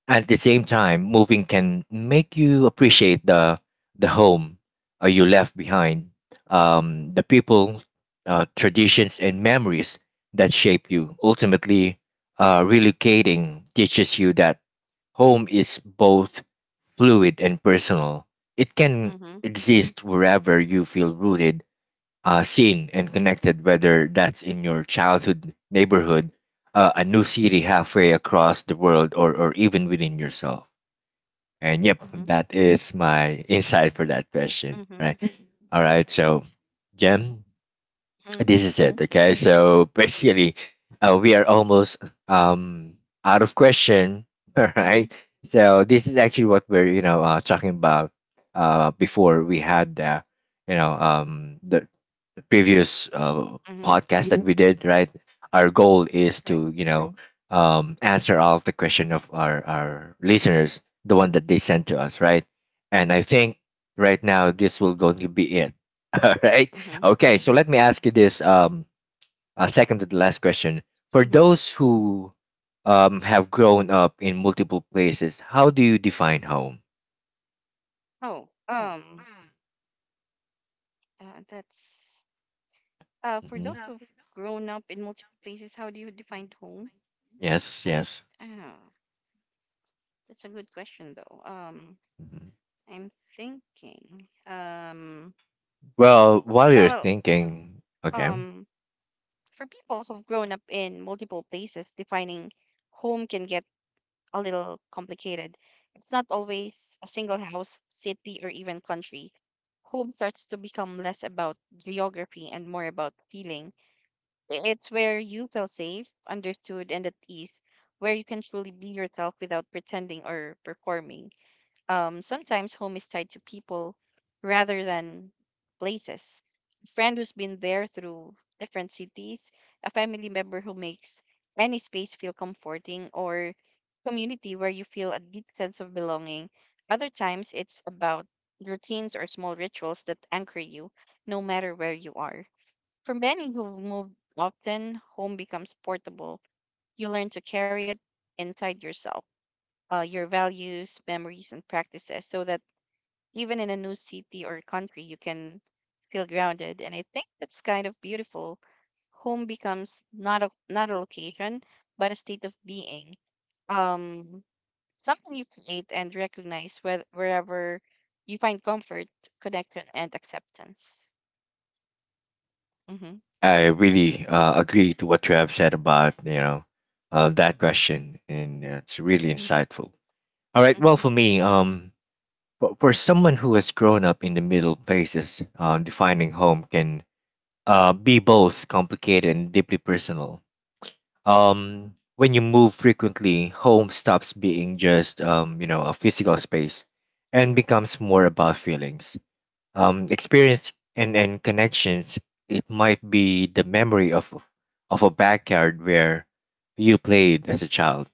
S1: At the same time, moving can make you appreciate the home, you left behind, the people, traditions, and memories that shape you. Ultimately, relocating teaches you that home is both fluid and personal. It can
S2: Mm-hmm.
S1: exist wherever you feel rooted, seen, and connected, whether that's in your childhood neighborhood, a new city halfway across the world, or, even within yourself. And yep,
S2: Mm-hmm.
S1: that is my insight for that question.
S2: Mm-hmm.
S1: Right. All right. So,
S2: Right.
S1: Jem, this is
S2: Mm-hmm.
S1: it. Mhm. Okay. So basically, we are almost um out of question. (laughs) All
S2: Mm-hmm.
S1: right. So this is actually what we're you know talking about uh, before we had the you know the previous
S2: Mm-hmm.
S1: podcast that Mhm. we did, right? Our goal is to, you
S2: Right.
S1: know, answer all the question of our, listeners, the one that they sent to us, right? And I think right now this will going to be it. (laughs) All right.
S2: Mm-hmm.
S1: Okay. So let me ask you this second to the last question. For
S2: Mm-hmm.
S1: those who have grown up in multiple places, how do you define home?
S2: Oh, that's for
S1: Mhm.
S2: those who've grown up in multiple places, how do you define home?
S1: Yes,
S2: I
S1: yes.
S2: uh that's a good question though.
S1: Mhm.
S2: I'm thinking.
S1: Well, while you're
S2: Well,
S1: thinking, okay.
S2: um, for people who've grown up in multiple places, defining home can get a little complicated. It's not always a single house, city, or even country. Home starts to become less about geography and more about feeling. It's where you feel safe, understood, and at ease, where you can truly be yourself without pretending or performing. Sometimes home is tied to people rather than places. A friend who's been there through different cities, a family member who makes any space feel comforting, or community where you feel a deep sense of belonging. Other times, it's about routines or small rituals that anchor you no matter where you are. For many who move often, home becomes portable. You learn to carry it inside yourself, your values, memories, and practices, so that even in a new city or country, you can feel grounded. And I think that's kind of beautiful. Home becomes not a location, but a state of being. Um, Something you create and recognize wherever you find comfort, connection, and acceptance. Mm-hmm.
S1: I really agree to what you have said about you know that question, and it's really
S2: Mm-hmm.
S1: insightful. All right, well,
S2: Mm-hmm.
S1: for me, for someone who has grown up in the middle places, defining home can be both complicated and deeply personal. When you move frequently, home stops being just you know, a physical space, and becomes more about feelings experience and, connections. It might be the memory of a backyard where you played as a child,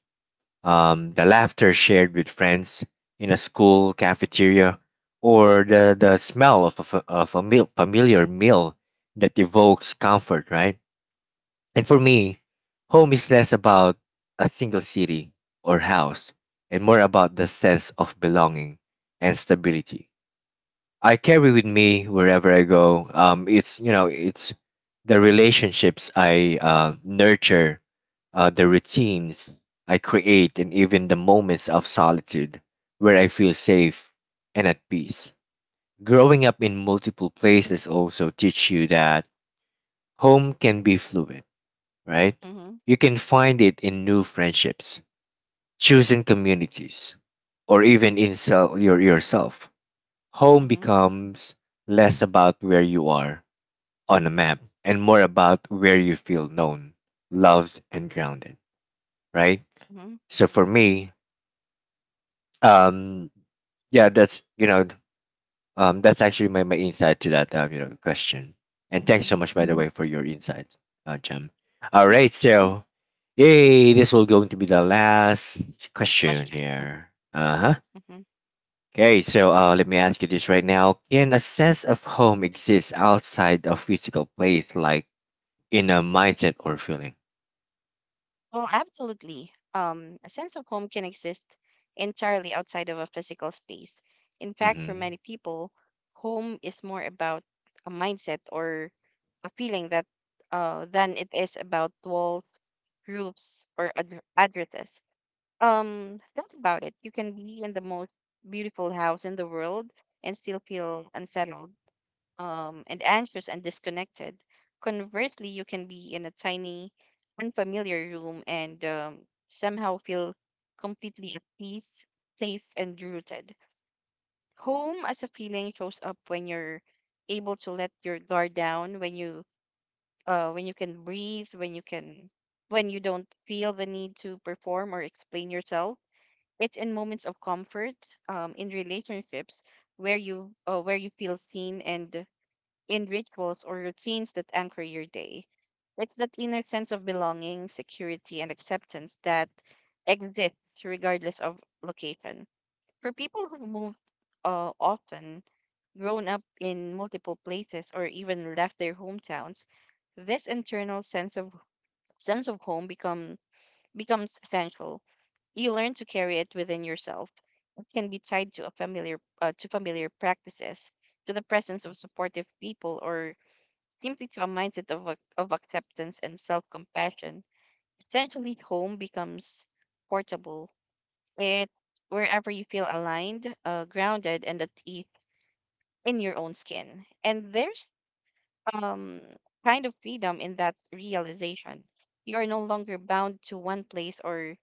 S1: the laughter shared with friends in a school cafeteria, or the, smell of a, of a meal, familiar meal that evokes comfort, right? And for me, home is less about a single city or house and more about the sense of belonging and stability I carry with me wherever I go. It's you know, it's the relationships I nurture, the routines I create, and even the moments of solitude where I feel safe and at peace. Growing up in multiple places also teach you that home can be fluid, right? You can find it in new friendships, choosing communities, or even in your yourself. Home
S2: Mm-hmm.
S1: becomes less about where you are on a map and more about where you feel known, loved, and grounded, right?
S2: Mm-hmm.
S1: So for me, um, yeah, that's actually my insight to that question. And thanks
S2: Mm-hmm.
S1: so much, by the way, for your insight, Jem. All
S2: Yeah.
S1: right, so yay, this will going to be the last question
S2: Question.
S1: here. Uh huh.
S2: Mm-hmm.
S1: Okay, so let me ask you this right now. Can a sense of home exist outside of physical place, like in a mindset or feeling?
S2: Well, absolutely. A sense of home can exist entirely outside of a physical space. In fact, for
S1: Hmm.
S2: many people, home is more about a mindset or a feeling that than it is about walls, roofs, or addresses. Think about it. You can be in the most beautiful house in the world and still feel unsettled, and anxious and disconnected. Conversely, you can be in a tiny, unfamiliar room and somehow feel completely at peace, safe, and rooted. Home as a feeling shows up when you're able to let your guard down, when you can breathe, when you don't feel the need to perform or explain yourself. It's in moments of comfort, in relationships where you feel seen, and in rituals or routines that anchor your day. It's that inner sense of belonging, security, and acceptance that exists regardless of location. For people who've moved often, grown up in multiple places, or even left their hometowns, this internal sense of home becomes essential. You learn to carry it within yourself. It can be tied to a familiar to familiar practices, to the presence of supportive people, or simply to a mindset of, of acceptance and self compassion. Essentially, home becomes portable. It wherever you feel aligned, grounded, and at ease in your own skin. And there's um kind of freedom in that realization. You are no longer bound to one place or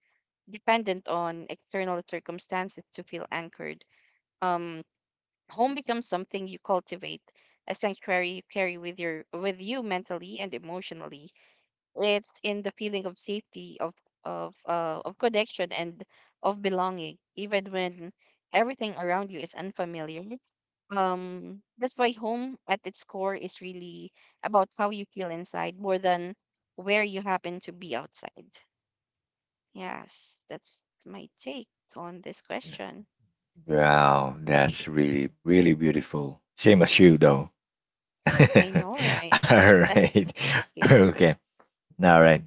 S2: dependent on external circumstances to feel anchored. Um, Home becomes something you cultivate, a sanctuary you carry with you mentally and emotionally. It's in the feeling of safety, of of connection, and of belonging, even when everything around you is unfamiliar. That's why home at its core is really about how you feel inside more than where you happen to be outside. Yes, that's my take on this question.
S1: Wow, that's really, really beautiful. Same as you, though. (laughs) All
S2: I know, right? (laughs)
S1: right.
S2: Just
S1: (laughs)
S2: kidding.
S1: Okay. All right.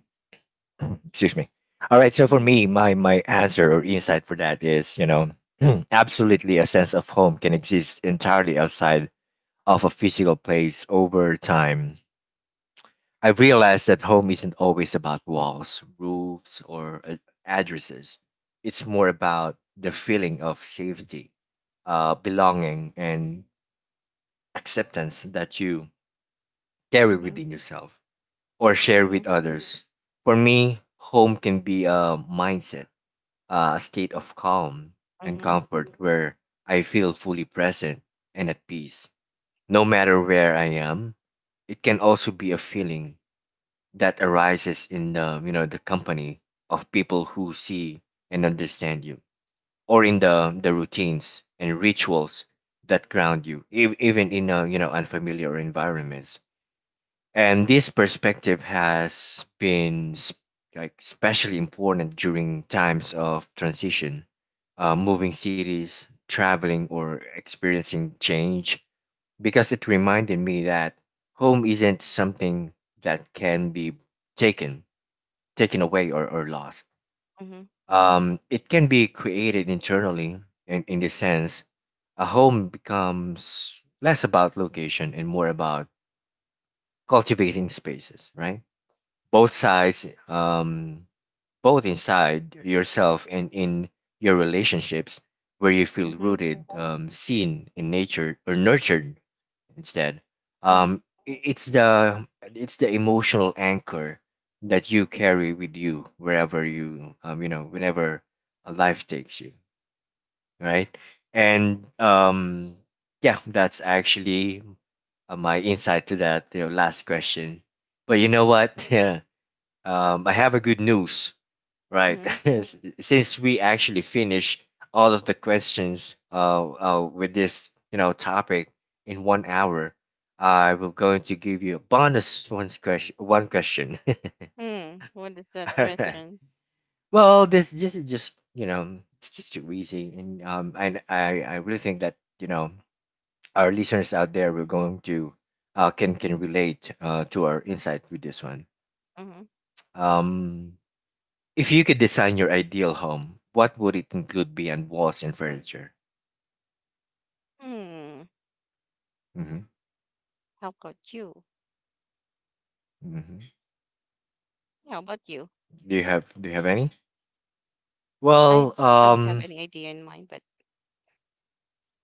S1: Excuse me. All right. So for
S2: Mm-hmm,
S1: me, my answer or insight for that is, (clears throat) absolutely a sense of home can exist entirely outside of a physical place. Over time I've realized that home isn't always about walls, roofs, or addresses. It's more about the feeling of safety, belonging, and acceptance that you carry
S2: mm-hmm,
S1: within yourself or share with others. For me, home can be a mindset, a state of calm and
S2: mm-hmm,
S1: comfort where I feel fully present and at peace, no matter where I am. It can also be a feeling that arises in the the company of people who see and understand you, or in the routines and rituals that ground you, even in a you know unfamiliar environments. And this perspective has been especially important during times of transition, moving cities, traveling, or experiencing change, because it reminded me that home isn't something that can be taken taken away, or lost.
S2: mm-hmm,
S1: It can be created internally, and in this sense, a home becomes less about location and more about cultivating spaces, right? Both sides, both inside yourself and in your relationships, where you
S2: mm-hmm,
S1: feel
S2: mm-hmm, mm-hmm.
S1: rooted, seen, and nature or nurtured instead. Um,
S2: Hmm.
S1: it's the emotional anchor that you carry with you wherever you you know whenever life takes you, right? And yeah, that's actually my insight to that. The last question, but you know what? (laughs) Um, I have a good news.
S2: Hmm hmm hmm
S1: Right.
S2: hmm hmm
S1: (laughs) Since we actually finished all of the questions with this topic in 1 hour, I will going to give you a bonus one question. One question. (laughs)
S2: hmm hmm. Whats that
S1: All right.
S2: question?
S1: Well, this is just it's just too easy, and I really think that you know our listeners out there will going to can relate to our insight with this one.
S2: Mhm.
S1: Um, If you could design your ideal home, what would it include beyond walls and furniture?
S2: Hmm,
S1: Hmm.
S2: how about you?
S1: Hmm.
S2: How about you?
S1: Do you have any?
S2: I
S1: Well,
S2: don't have any idea in mind, but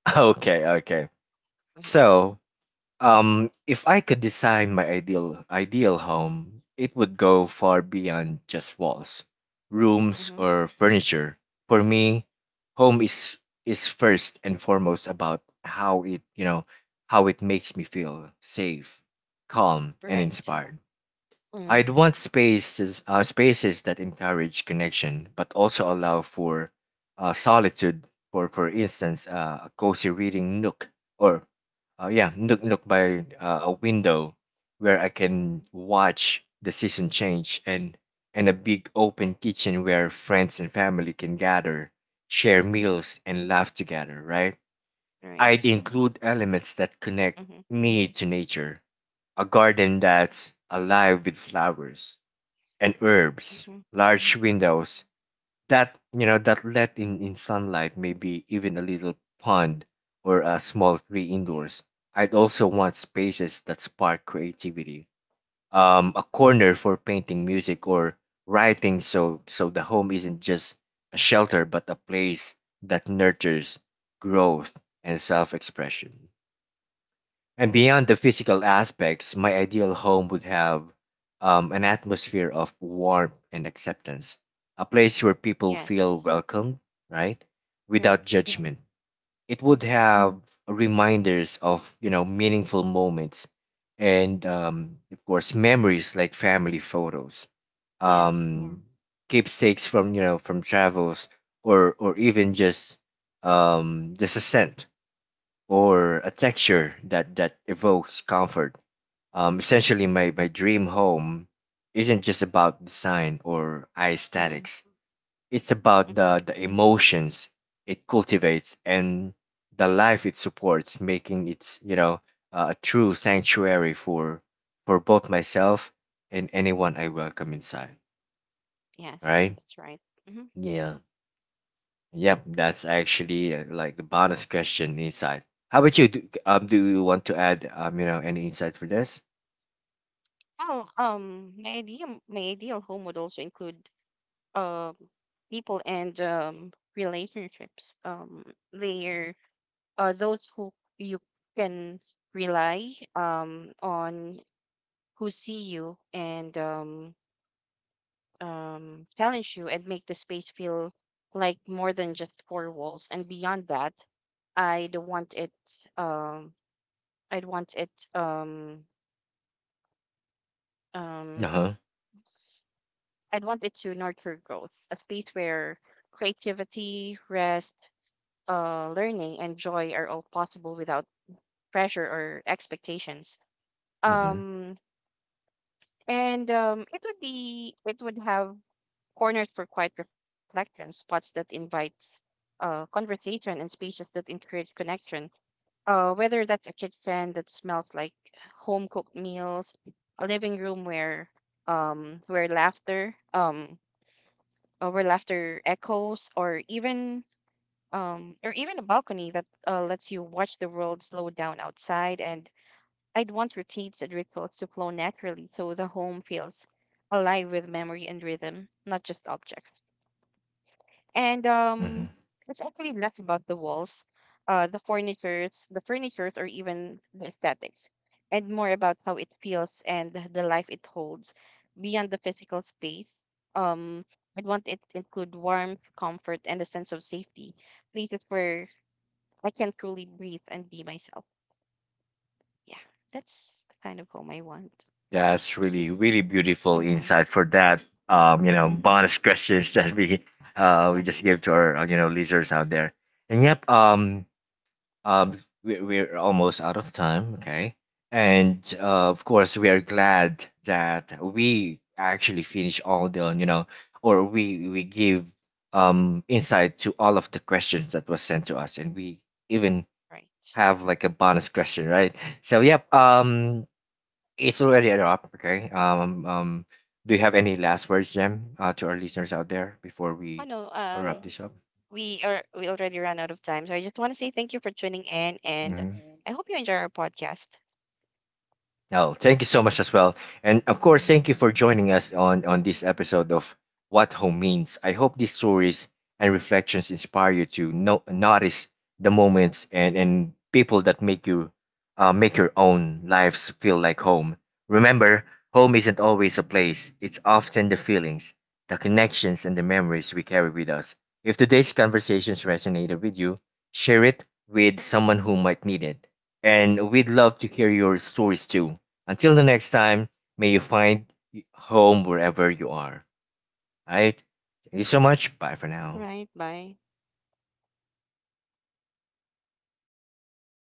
S1: (laughs) okay, okay.
S2: mhm,
S1: So, if I could design my ideal home, it would go far beyond just walls, rooms,
S2: mhm,
S1: or furniture. For me, home is first and foremost about how it makes me feel safe, calm, and
S2: right.
S1: inspired.
S2: Mhm,
S1: I'd want spaces, spaces that encourage connection but also allow for solitude. For instance, a cozy reading nook, or yeah nook by a window where I can watch the season change, and a big open kitchen where friends and family can gather, share
S2: mhm,
S1: meals, and laugh together. Right. I'd
S2: right.
S1: include elements that connect
S2: Mhm,
S1: me to nature, a garden that's alive with flowers and herbs,
S2: mhm,
S1: large
S2: mhm.
S1: windows that that let in sunlight, maybe even a little pond or a small tree indoors. I'd also want spaces that spark creativity. A corner for painting, music, or writing, so the home isn't just a shelter but a place that nurtures growth and self-expression. And beyond the physical aspects, my ideal home would have an atmosphere of warmth and acceptance, a place where people feel
S2: Yes,
S1: welcome, right? Without
S2: right,
S1: judgment. It would
S2: right.
S1: have reminders of, meaningful moments and, of course, memories, like family photos,
S2: Yes.
S1: um, keepsakes from, from travels, or even just a scent or a texture that evokes comfort. Essentially, my dream home isn't just about design or
S2: Mhm,
S1: aesthetics. It's about
S2: mhm.
S1: the emotions it cultivates and the life it supports, making it a true sanctuary for both myself and anyone I welcome inside. All
S2: Yes,
S1: right?
S2: that's right. Mhm.
S1: Yeah. Yep, that's actually like the bonus question inside. How about you? Do, do you want to add any insight for this?
S2: Well, my ideal home would also include um people and relationships. They're those who you can rely on, who see you and challenge you and make the space feel like more than just four walls. And beyond that, I'd want it. Um, I'd want it.
S1: Uh
S2: Um,
S1: huh.
S2: I'd want it to nurture growth, a space where creativity, rest, learning, and joy are all possible without pressure or expectations.
S1: Mhm.
S2: Um, and it would be. It would have cornered for quiet reflection, spots that invites conversation, and spaces that encourage connection. Whether that's a kitchen that smells like home cooked meals, a living room where um where laughter um where laughter echoes, or even a balcony that lets you watch the world slow down outside. And I'd want routines and rituals to flow naturally, so the home feels alive with memory and rhythm, not just objects. And
S1: Mhm.
S2: it's actually less about the walls, the furnitures, or even the aesthetics, and more about how it feels and the life it holds beyond the physical space. Um, I'd want it to include warmth, comfort, and a sense of safety, places where I can truly breathe and be myself. Yeah, that's the kind of home I want.
S1: That's really really beautiful
S2: Mm-hmm,
S1: insight for that. You know,
S2: mm-hmm,
S1: bonus questions that we just
S2: mm-hmm,
S1: gave to our listeners out there. And yep, uh, we're almost out of time, okay?
S2: mm-hmm.
S1: And of course, we are glad that we actually finish all the, or we give insight to all of the questions that was sent to us, and we even
S2: Right.
S1: have like a bonus question, right? So, yep, it's already a wrap, okay? Do you have any last words, Jem, to our listeners out there before
S2: Oh
S1: we
S2: no.
S1: wrap this up?
S2: We already ran out of time. So I just want to say thank you for tuning in, and
S1: Hmm.
S2: I hope you enjoy our podcast.
S1: Oh, thank you so much as well. And of course, thank you for joining us on this episode of What Home Means. I hope these stories and reflections inspire you to no, notice the moments and people that make you make your own lives feel like home. Remember, home isn't always a place. It's often the feelings, the connections, and the memories we carry with us. If today's conversations resonated with you, share it with someone who might need it. And we'd love to hear your stories too. Until the next time, may you find home wherever you are. All right. Thank you so much. Bye for
S2: All
S1: now.
S2: right, bye.